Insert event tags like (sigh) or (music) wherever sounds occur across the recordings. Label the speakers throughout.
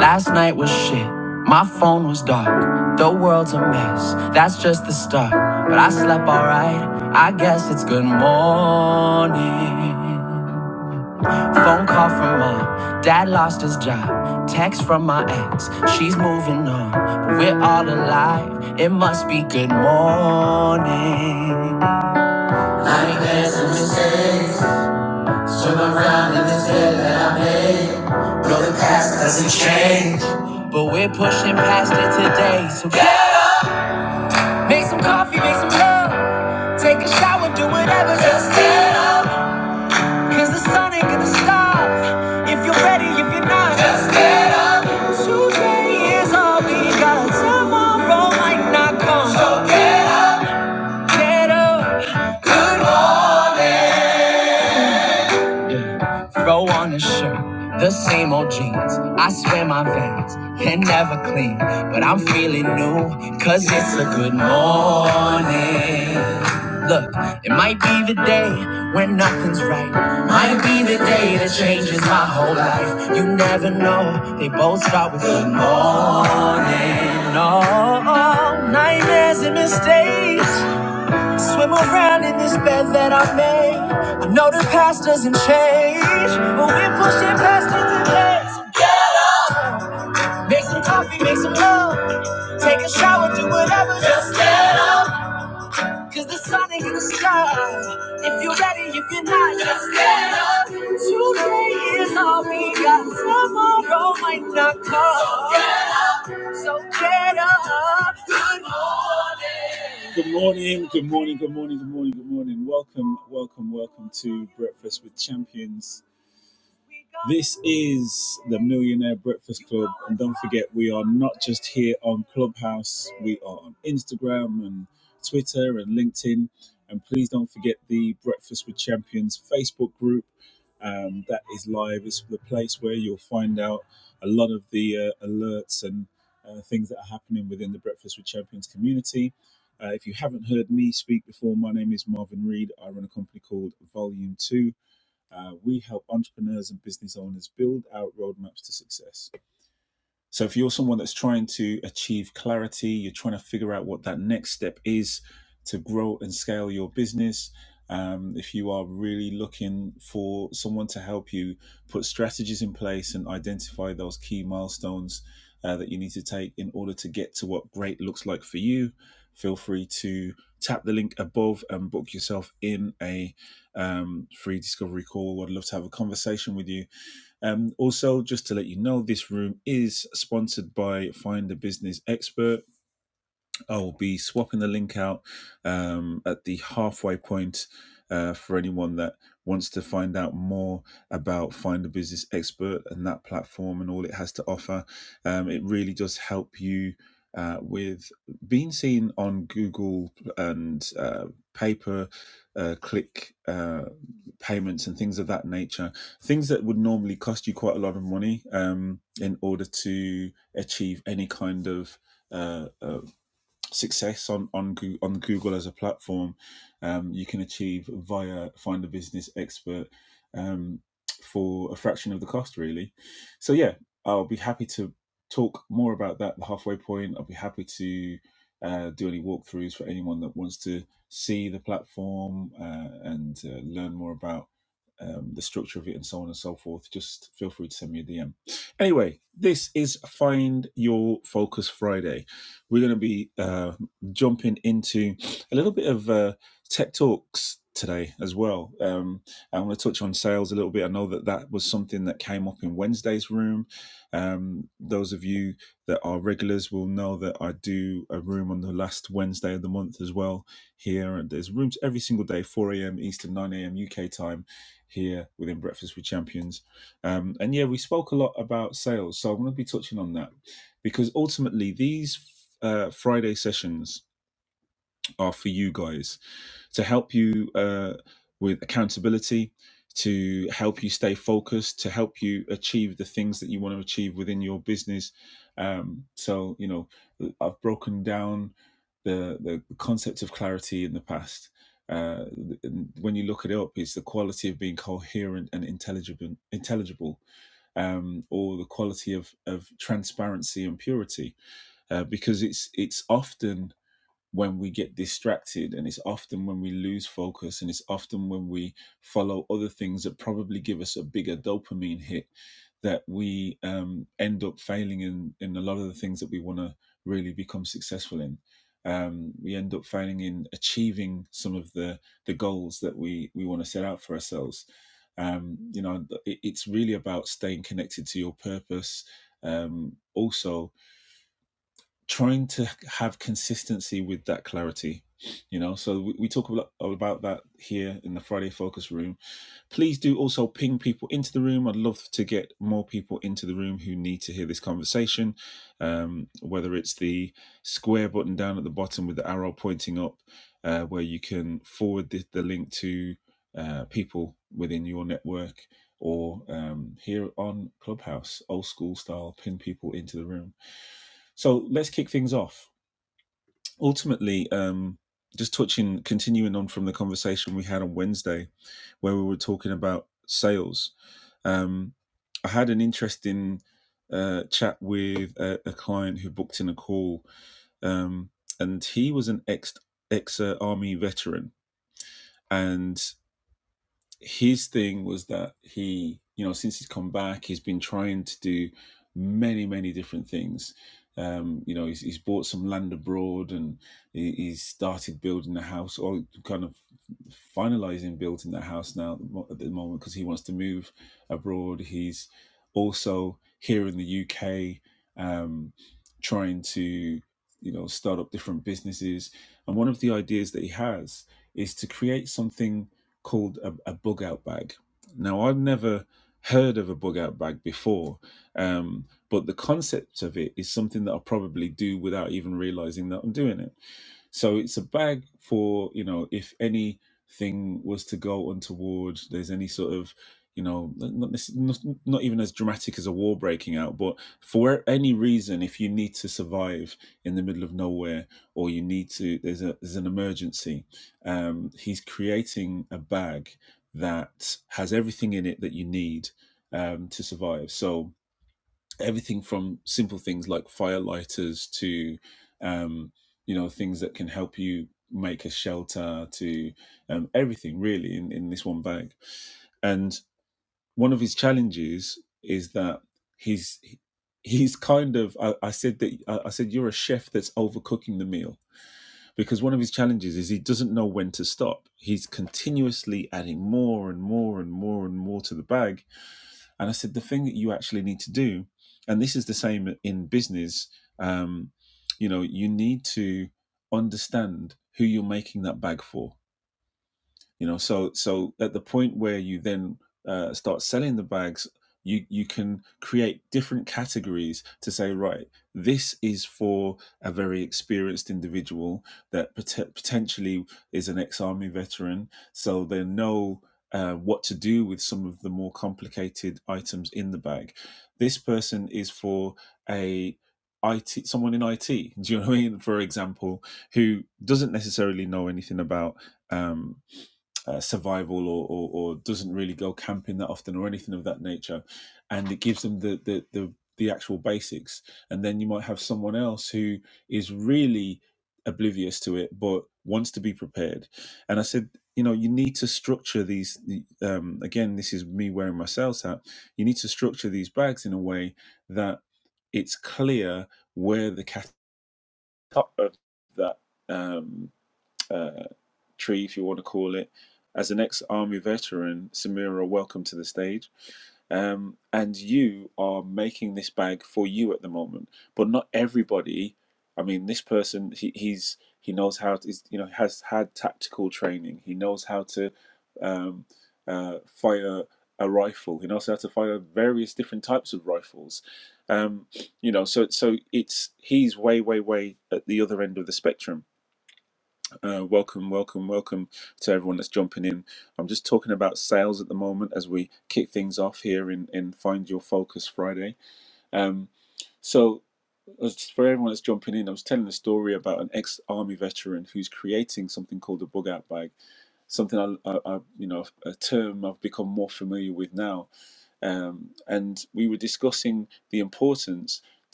Speaker 1: Last night was shit. My phone was dark. The world's a mess. That's just the start. But I slept alright. I guess it's good morning. Phone call from mom. Dad lost his job. Text from my ex. She's moving on. But we're all alive. It must be good morning. But we're pushing past it today. So get- make some coffee, make some love. Take a shower, do whatever, just get up. Cause the sun ain't gonna stop if you're ready, if you're not. Just get up. Today is all we got. Tomorrow might not come. So get up. Yeah. Throw on a shirt, the same old jeans. I swear my veins can never clean, but I'm feeling new, cause it's a good morning. Look, it might be the day when nothing's right. Might be the day that changes my whole life. You never know, they both start with good morning. Oh, oh, nightmares and mistakes. Swim around in this bed that I made. I know the past doesn't change, but we're pushing past it today. So make some coffee, make some love. Take a shower, do whatever. Just get up. Cause the sun ain't gonna stop. If you're ready, if you're not, just get up. It's all we got. Tomorrow might not come. So Get up.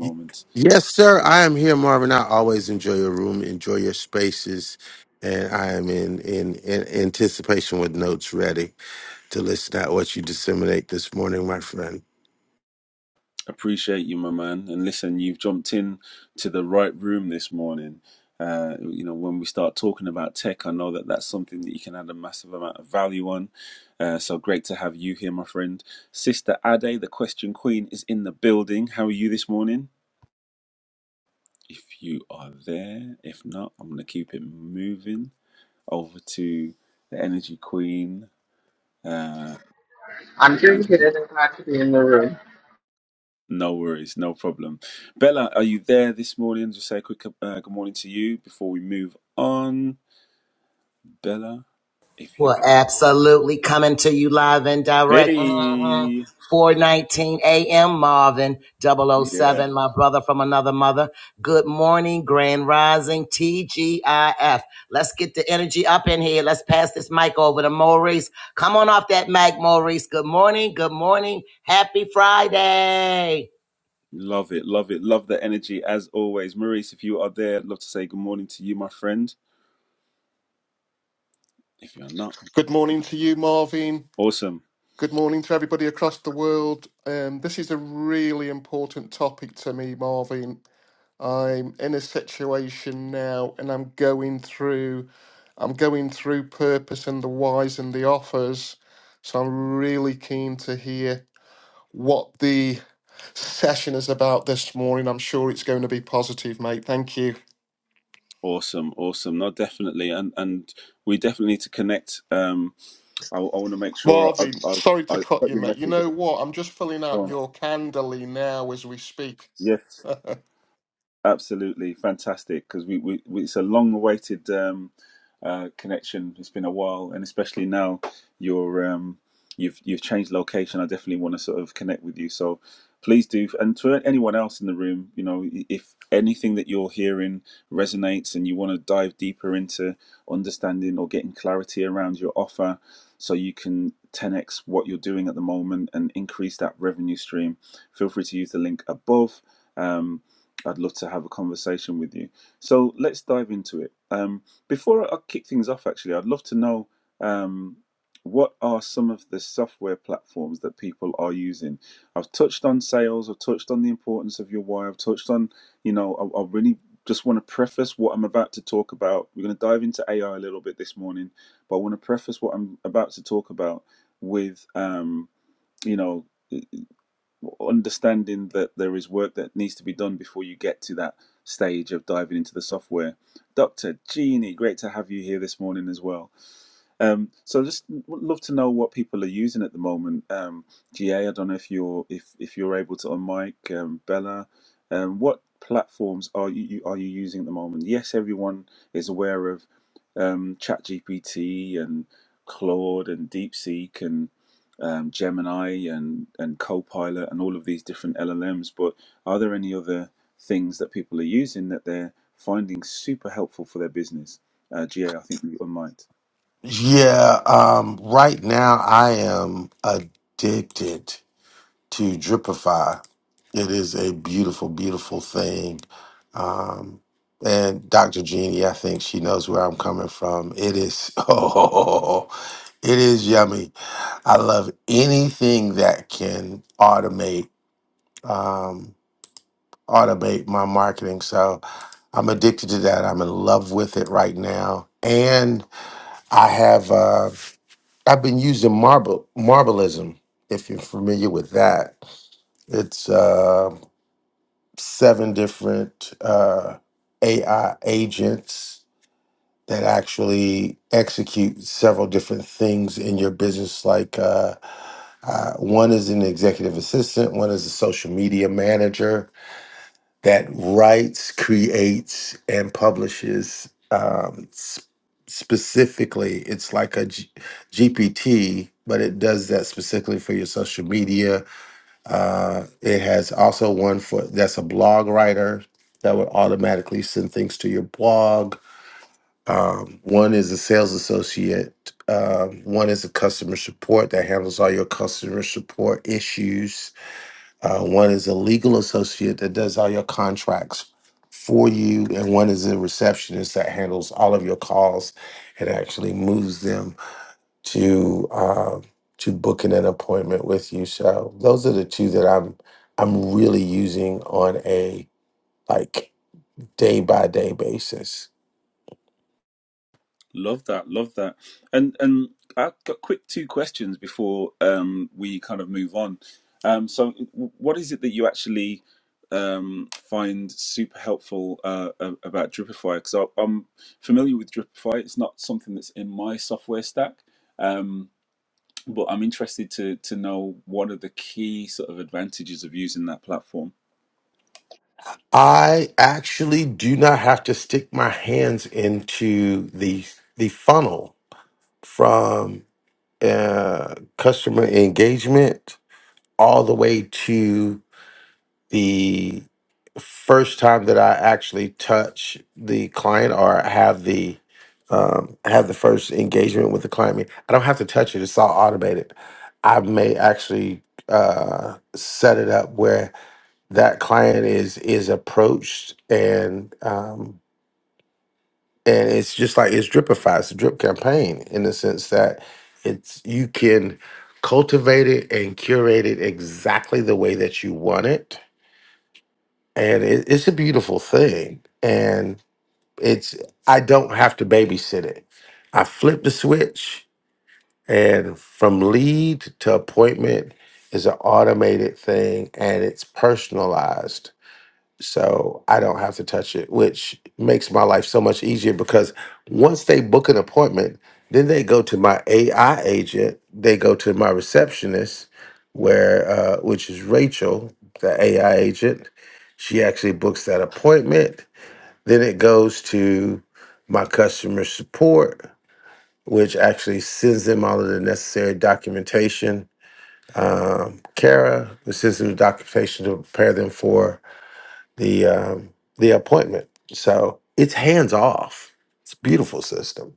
Speaker 2: Y- Yes, sir. I am here, Marvin. I always enjoy your room, enjoy your spaces, and I am in, in, in anticipation with notes ready to listen out what you disseminate this morning, my friend.
Speaker 3: I'm doing good and glad to be in the room.
Speaker 4: Well, absolutely coming to you live and direct. hmm 419 a.m. Marvin Double O Seven, my brother from another mother. Good morning, Grand Rising TGIF. Let's get the energy up in here. Let's pass this mic over to Maurice. Come on off that mic, Maurice. Good morning. Good morning. Happy Friday.
Speaker 5: Good morning to you, Marvin. Good morning to everybody across the world. Um, this is a really important topic to me, Marvin. I'm in a situation now, and I'm going through, I'm going through purpose and the whys and the offers. So I'm really keen to hear what the session is about this morning. I'm sure it's going to be positive, mate. Thank you. Marvin, sorry to cut you, mate. You know what? I'm just filling out your candle now as we speak. (laughs)
Speaker 2: Yeah, um, right now I am addicted to Dripify. It is a beautiful, beautiful thing. Um, and Dr. Jeannie, I think she knows where I'm coming from. It is, (laughs) oh, it is yummy I love anything that can automate um, automate my marketing. So I'm addicted to that. I'm in love with it right now, and I have uh, I've been using marble marbleism. If you're familiar with that, it's uh, seven different uh, AI agents that actually execute several different things in your business, like. Uh, Uh, one is an executive assistant, one is a social media manager that writes, creates, and publishes. Um, s- specifically, it's like a G- GPT, but it does that specifically for your social media. Uh, it has also one for that's a blog writer that would automatically send things to your blog um, one is a sales associate. Um, one is a customer support that handles all your customer support issues. Uh, one is a legal associate that does all your contracts for you, and one is a receptionist that handles all of your calls and actually moves them to uh, to booking an appointment with you. So those are the two that I'm I'm really using on a like day by day basis. I actually do not have to stick my hands into the the funnel from uh, customer engagement all the way to the first time that I actually touch the client or have the um, have the first engagement with the client. I mean, I don't have to touch it; it's all automated. I may actually uh, set it up where that client is is approached and um and it's just like it's dripify it's a drip campaign in the sense that it's you can cultivate it and curate it exactly the way that you want it and it, it's a beautiful thing and it's i don't have to babysit it i flip the switch and from lead to appointment is an automated thing and it's personalized so I don't have to touch it, which makes my life so much easier because once they book an appointment, then they go to my AI agent, they go to my receptionist, where uh, which is Rachel, the AI agent. She actually books that appointment. Then it goes to my customer support, which actually sends them all of the necessary documentation. Um, Kara sends them the documentation to prepare them for the um, the appointment. So it's hands off. It's a beautiful system.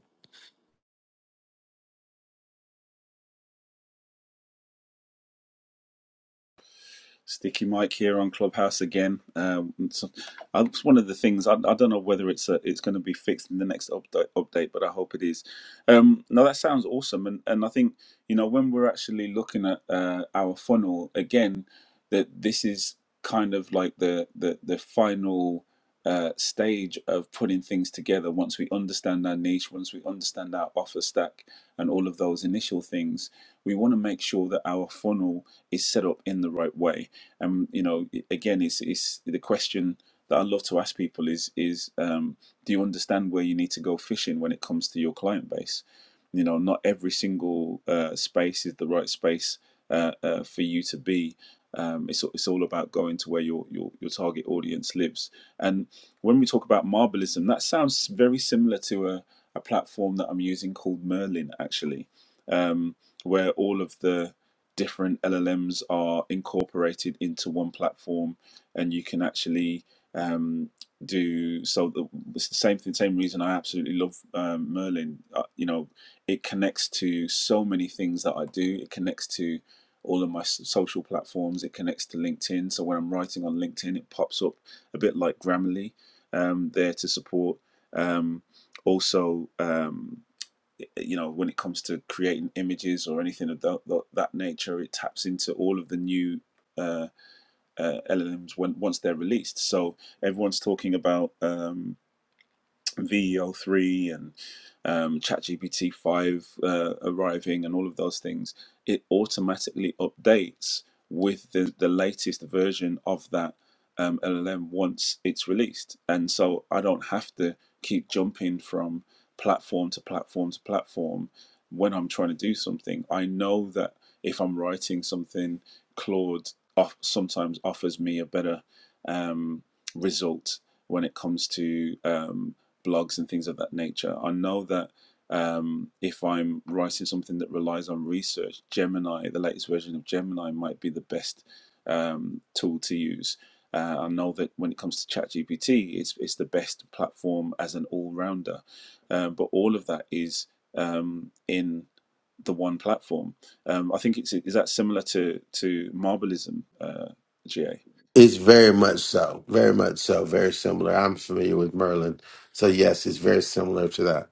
Speaker 2: It's very much so, very much so, very similar. I'm familiar with Merlin, so yes, it's very similar to that.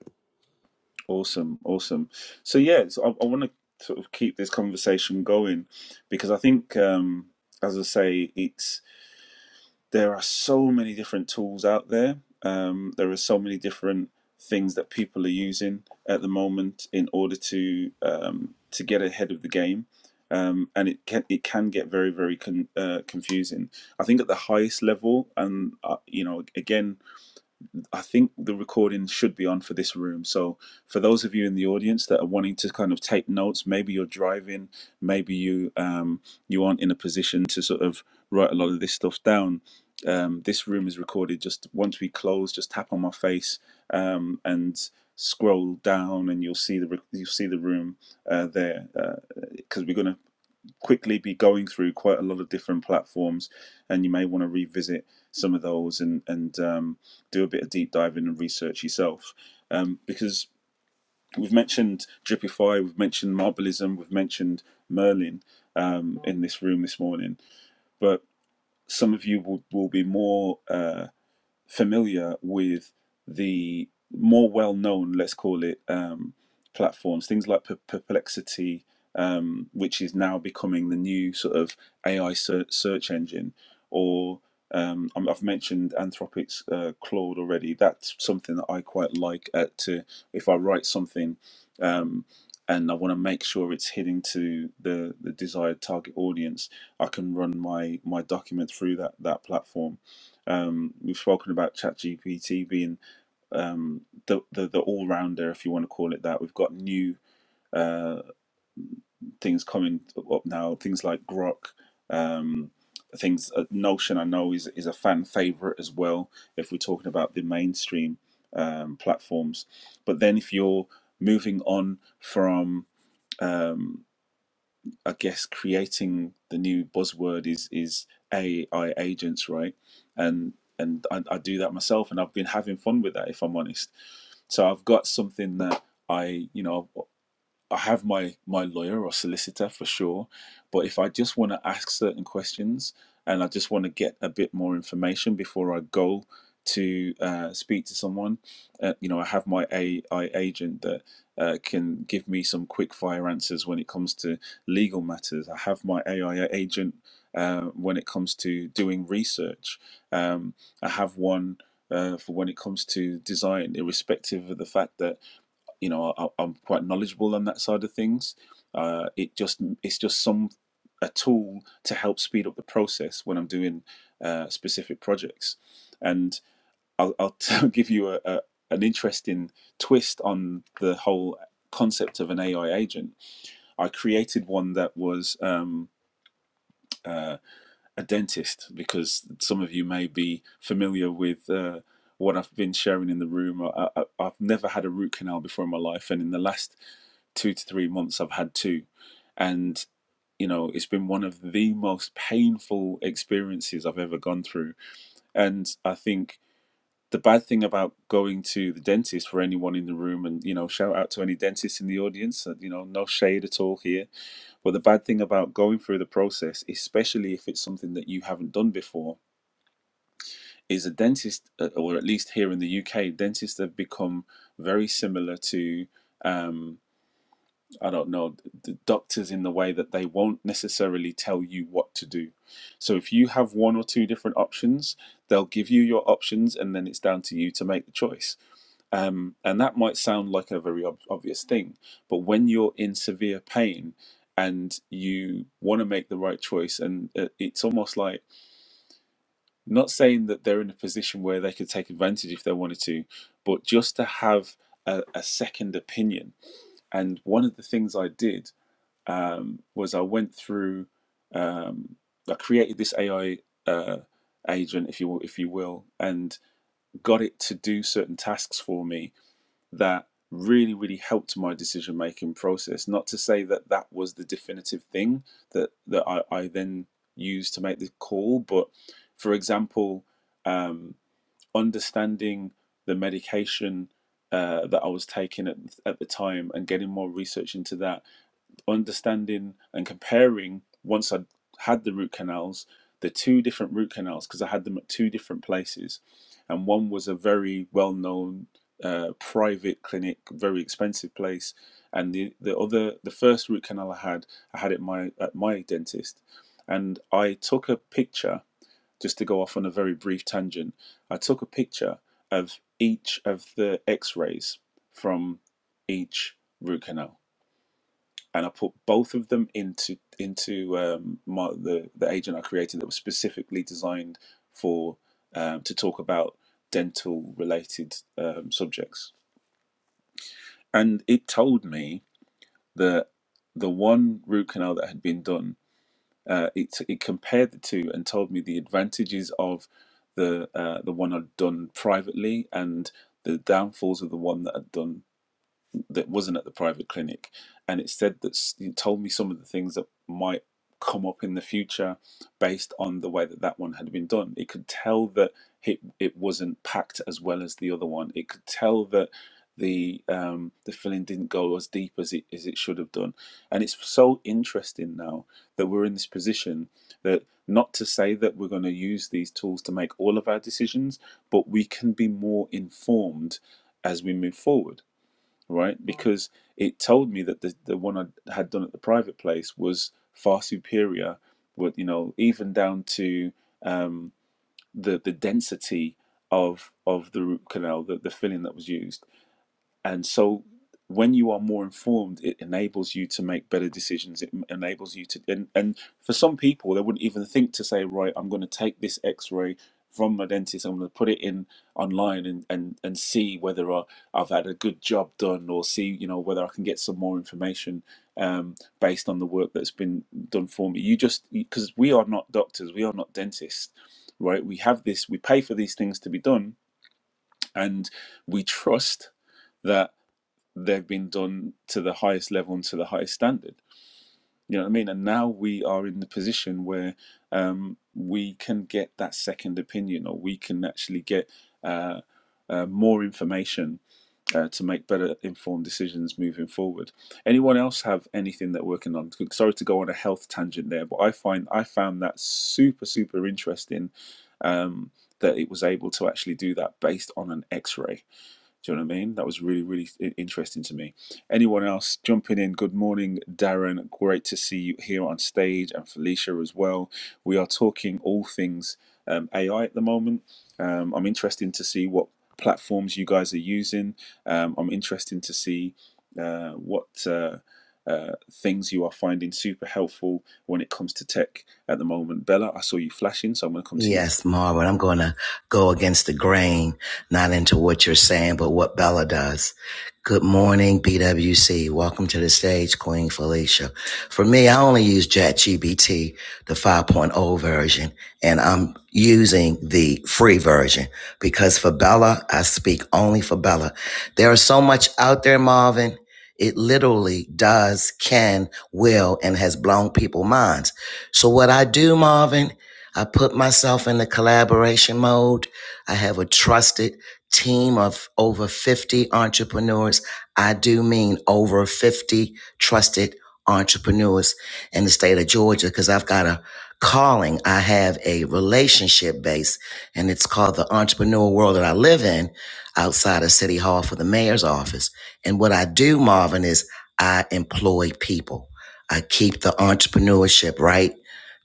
Speaker 4: Yes, Marvin, I'm going to go against the grain, not into what you're saying, but what Bella does. Good morning, BWC. Welcome to the stage, Queen Felicia. For me, I only use GBT, the 5.0 version, and I'm using the free version because for Bella, I speak only for Bella. There is so much out there, Marvin. It literally does, can, will, and has blown people's minds. So what I do, Marvin, I put myself in the collaboration mode. I have a trusted team of over 50 entrepreneurs. I do mean over 50 trusted entrepreneurs in the state of Georgia because I've got a calling. I have a relationship base and it's called the entrepreneur world that I live in outside of City Hall for the mayor's office. And what I do, Marvin, is I employ people. I keep the entrepreneurship, right?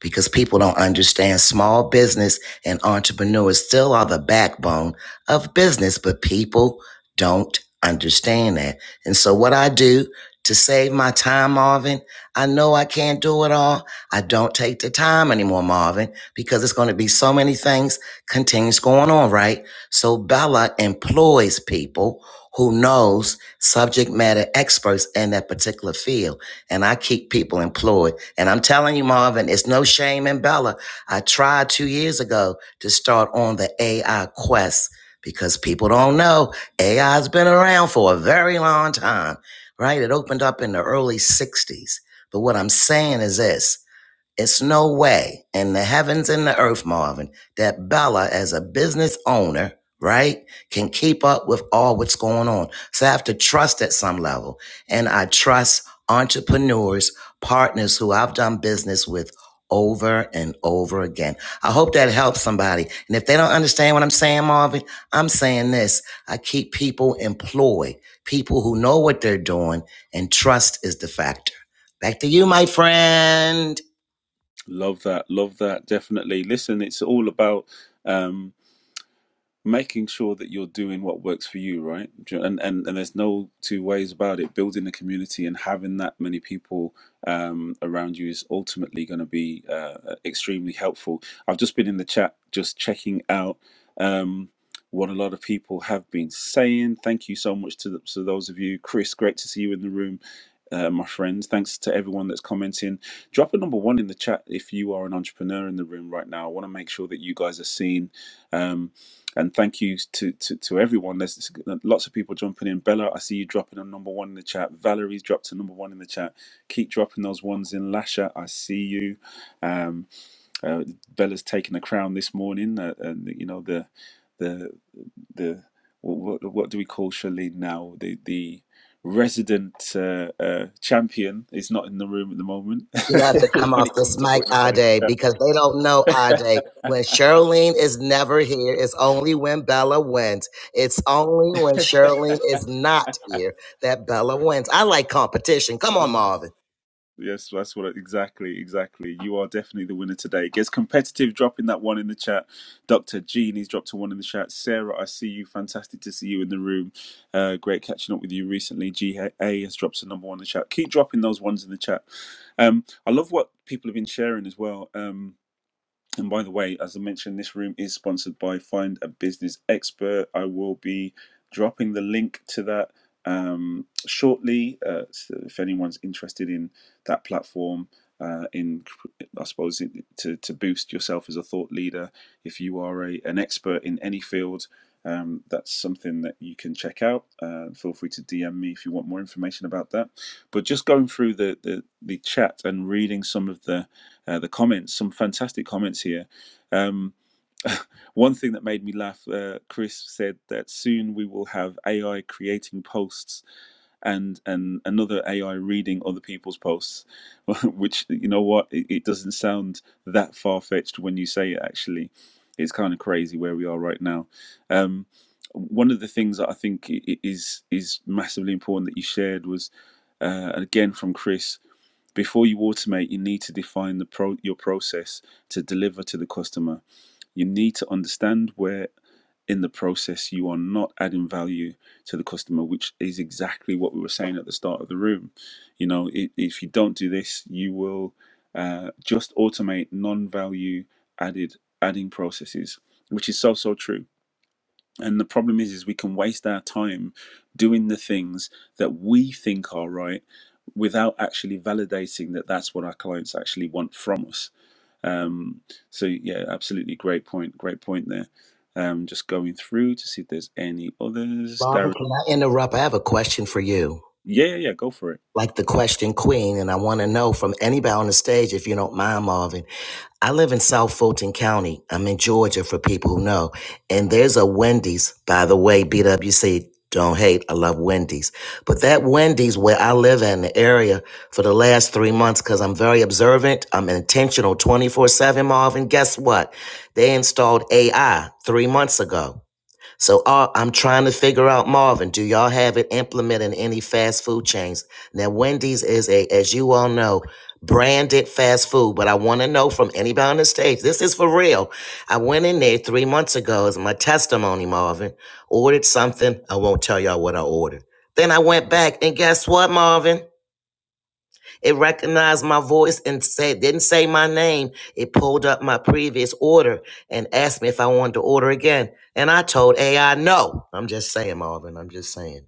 Speaker 4: because people don't understand small business and entrepreneurs still are the backbone of business, but people don't understand that. And so what I do to save my time, Marvin, I know I can't do it all. I don't take the time anymore, Marvin, because it's going to be so many things continues going on, right? So Bella employs people who knows subject matter experts in that particular field. And I keep people employed and I'm telling you, Marvin, it's no shame in Bella. I tried two years ago to start on the AI quest because people don't know AI's been around for a very long time, right? It opened up in the early 60s. But what I'm saying is this. It's no way in the heavens and the earth, Marvin, that Bella, as a business owner, right, can keep up with all what's going on. So I have to trust at some level. And I trust entrepreneurs, partners who I've done business with over and over again. I hope that helps somebody. And if they don't understand what I'm saying, Marvin, I'm saying this. I keep people employed, people who know what they're doing, and trust is the factor. Back to you, my friend. You know, I have to come off this mic, Ade, because they don't know Ade. When Charlene is never here, it's only when Bella wins. It's only when Charlene is not here that Bella wins. I like competition. Come on, Marvin. Marvin, can I interrupt? I have a question for you, like the question queen, and I want to know from anybody on the stage, if you don't mind, Marvin. I live in South Fulton County. I'm in Georgia for people who know. And there's a Wendy's, by the way, BWC. Don't hate. I love Wendy's. But that Wendy's where I live in the area for the last three months, because I'm very observant. I'm intentional 24 7, Marvin. Guess what? They installed AI three months ago. So uh, I'm trying to figure out, Marvin, do y'all have it implemented in any fast food chains? Now, Wendy's is a, as you all know, branded fast food, but I want to know from anybody on the stage, this is for real. I went in there three months ago as my testimony, Marvin, ordered something. I won't tell y'all what I ordered. Then I went back, and guess what, Marvin? It recognized my voice and said, didn't say my name. It pulled up my previous order and asked me if I wanted to order again. And I told AI no. I'm just saying, Marvin. I'm just saying.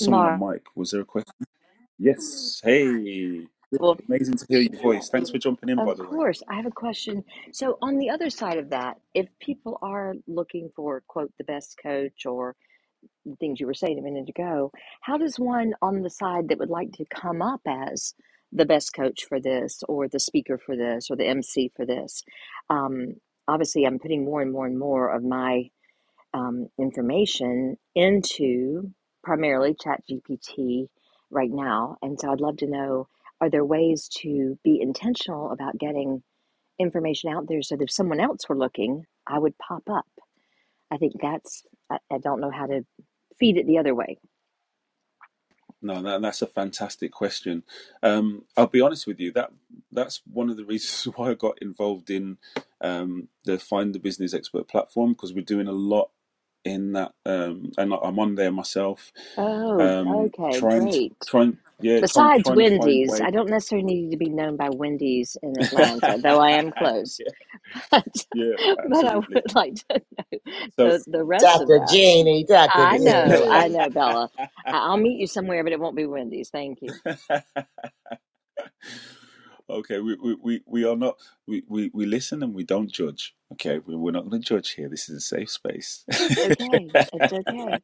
Speaker 6: Mar, well, yeah, of course. I have a question. So, on the other side of that, if people are looking for, quote, the best coach or the things you were saying a minute ago, how does one on the side that would like to come up as the best coach for this or the speaker for this or the MC for this? Um, obviously, I'm putting more and more and more of my um, information into primarily ChatGPT right now. And so I'd love to know are there ways to be intentional about getting information out there so that if someone else were looking, I would pop up? I think that's, I, I don't know how to feed it the other way. Oh, okay, great. Besides Wendy's, I don't necessarily need to be known by Wendy's in Atlanta, though I am close. (laughs) but I would like to (laughs) know the, the rest of
Speaker 4: Dr.
Speaker 6: that.
Speaker 4: Jeannie, Dr.
Speaker 6: I know, I
Speaker 4: Jeannie.
Speaker 6: know, Bella. I- I'll meet you somewhere, but it won't be Wendy's. Thank you. Okay, it's okay.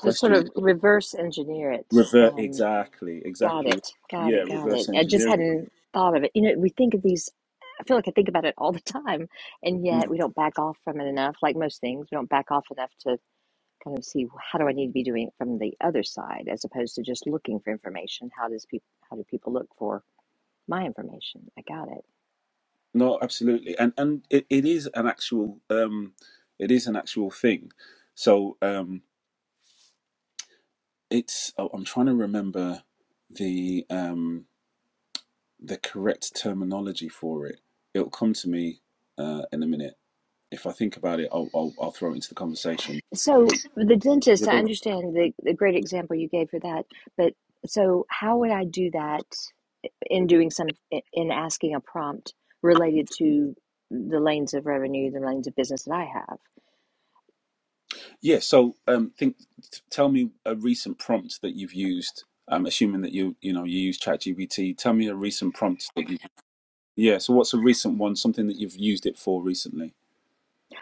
Speaker 6: So sort of reverse engineer it. Um, got it, got it, got it. I just hadn't thought of it. You know, we think of these. I feel like I think about it all the time, and yet we don't back off from it enough. Like most things, we don't back off enough to kind of see how do I need to be doing it from the other side, as opposed to just looking for information. How does people? How do people look for my information? I got it. So the dentist, I understand the, the great example you gave for that, but so how would I do that in doing some in asking a prompt related to the lanes of revenue, the lanes of business that I have?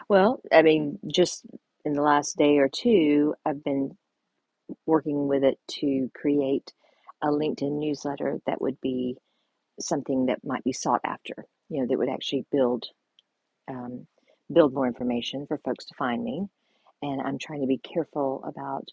Speaker 6: Well, I mean, just in the last day or two, I've been working with it to create a LinkedIn newsletter that would be something that might be sought after, you know, that would actually build um, build more information for folks to find me. And I'm trying to be careful about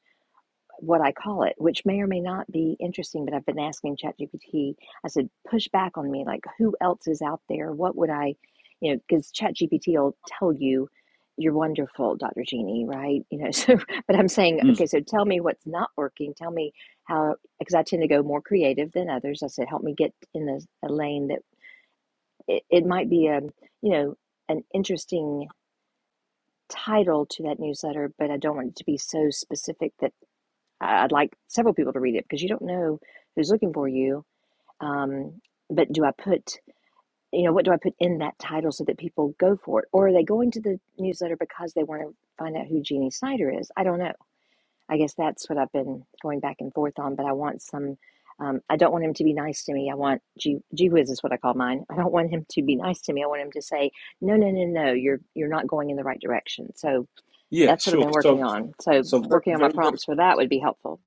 Speaker 6: what I call it, which may or may not be interesting. But I've been asking ChatGPT, I said, push back on me, like, who else is out there? What would I, you know, because ChatGPT will tell you, you're wonderful, Dr. Jeannie, right? You know, (laughs) so, but I'm saying, okay, so tell me what's not working. Tell me how, because I tend to go more creative than others. I said, help me get in a, a lane that it, it might be a, you know, an interesting title to that newsletter, but I don't want it to be so specific that I- would like several people to read it because you don't know who's looking for you. Um, but do I put, you know, what do I put in that title so that people go for it? Or are they going to the newsletter because they want to find out who Jeannie Snyder is? I don't know. I guess that's what I've been going back and forth on, but I want some. Um, I don't want him to be nice to me. I want gee, gee whiz is what I call mine. I don't want him to be nice to me. I want him to say, no, no, no, no, you're you're not going in the right direction. So that's what I've been working on. So working on my prompts for that would be helpful.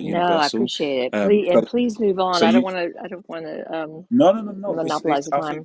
Speaker 6: No, I appreciate it. Please and please move on. I don't want to. I don't want to um, monopolize the time.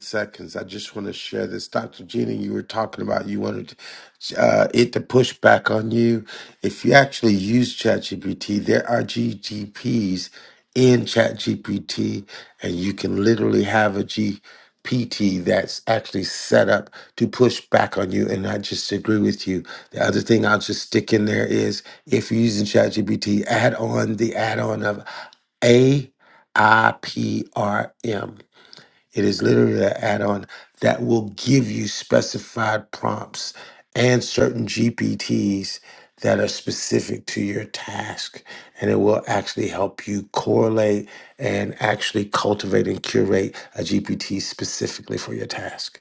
Speaker 2: seconds. I just want to share this. Dr. Gina, you were talking about you wanted uh, it to push back on you. If you actually use ChatGPT, there are GGPs in ChatGPT, and you can literally have a GPT that's actually set up to push back on you. And I just agree with you. The other thing I'll just stick in there is if you're using ChatGPT, add on the add on of A I P R M it is literally an add on that will give you specified prompts and certain GPTs that are specific to your task. And it will actually help you correlate and actually cultivate and curate a GPT specifically for your task.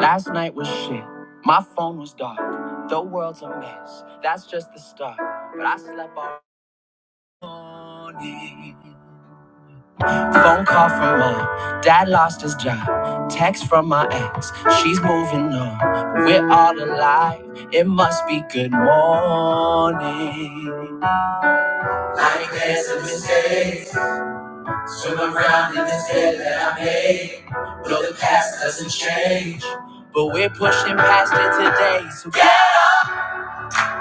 Speaker 1: Last night was shit. My phone was dark. The world's a mess. That's just the start. But I slept all Phone call from mom. Dad lost his job. Text from my ex. She's moving on. But we're all alive. It must be good morning. I ain't had some mistakes. Swim around in this bed that I made. No, the past doesn't change. But we're pushing past it today. So yeah.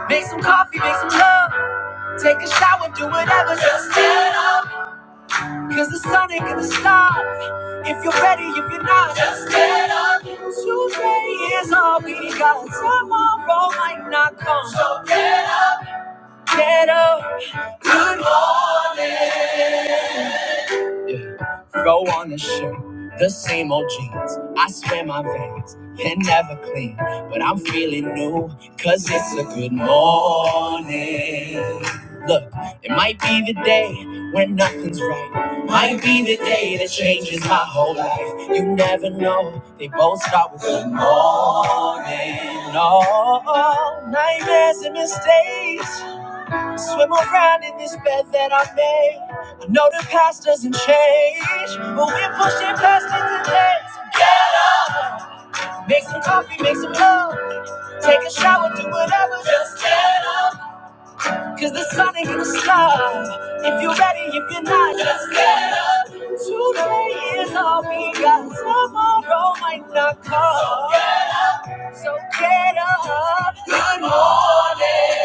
Speaker 1: make some coffee, make some love. Take a shower, do whatever. Just get up. Cause the sun ain't gonna stop if you're ready, if you're not. Just get up. Today is all we got. Tomorrow might not come. So get up. Good morning. Yeah. Throw on a shirt, the same old jeans. I swear my veins, they're never clean. But I'm feeling new, cause it's a good morning. Look, it might be the day when nothing's right. Might be the day that changes my whole life. You never know, they both start with good morning. Oh, nightmares and mistakes. Swim around in this bed that I made. I know the past doesn't change, but we're pushing past it today. So get up, make some coffee, make some love, take a shower, do whatever. Just get up, 'cause the sun ain't gonna stop. If you're ready, if you're not, just get up. Today is all we got. Tomorrow might not come. So get up. So get up. Good morning.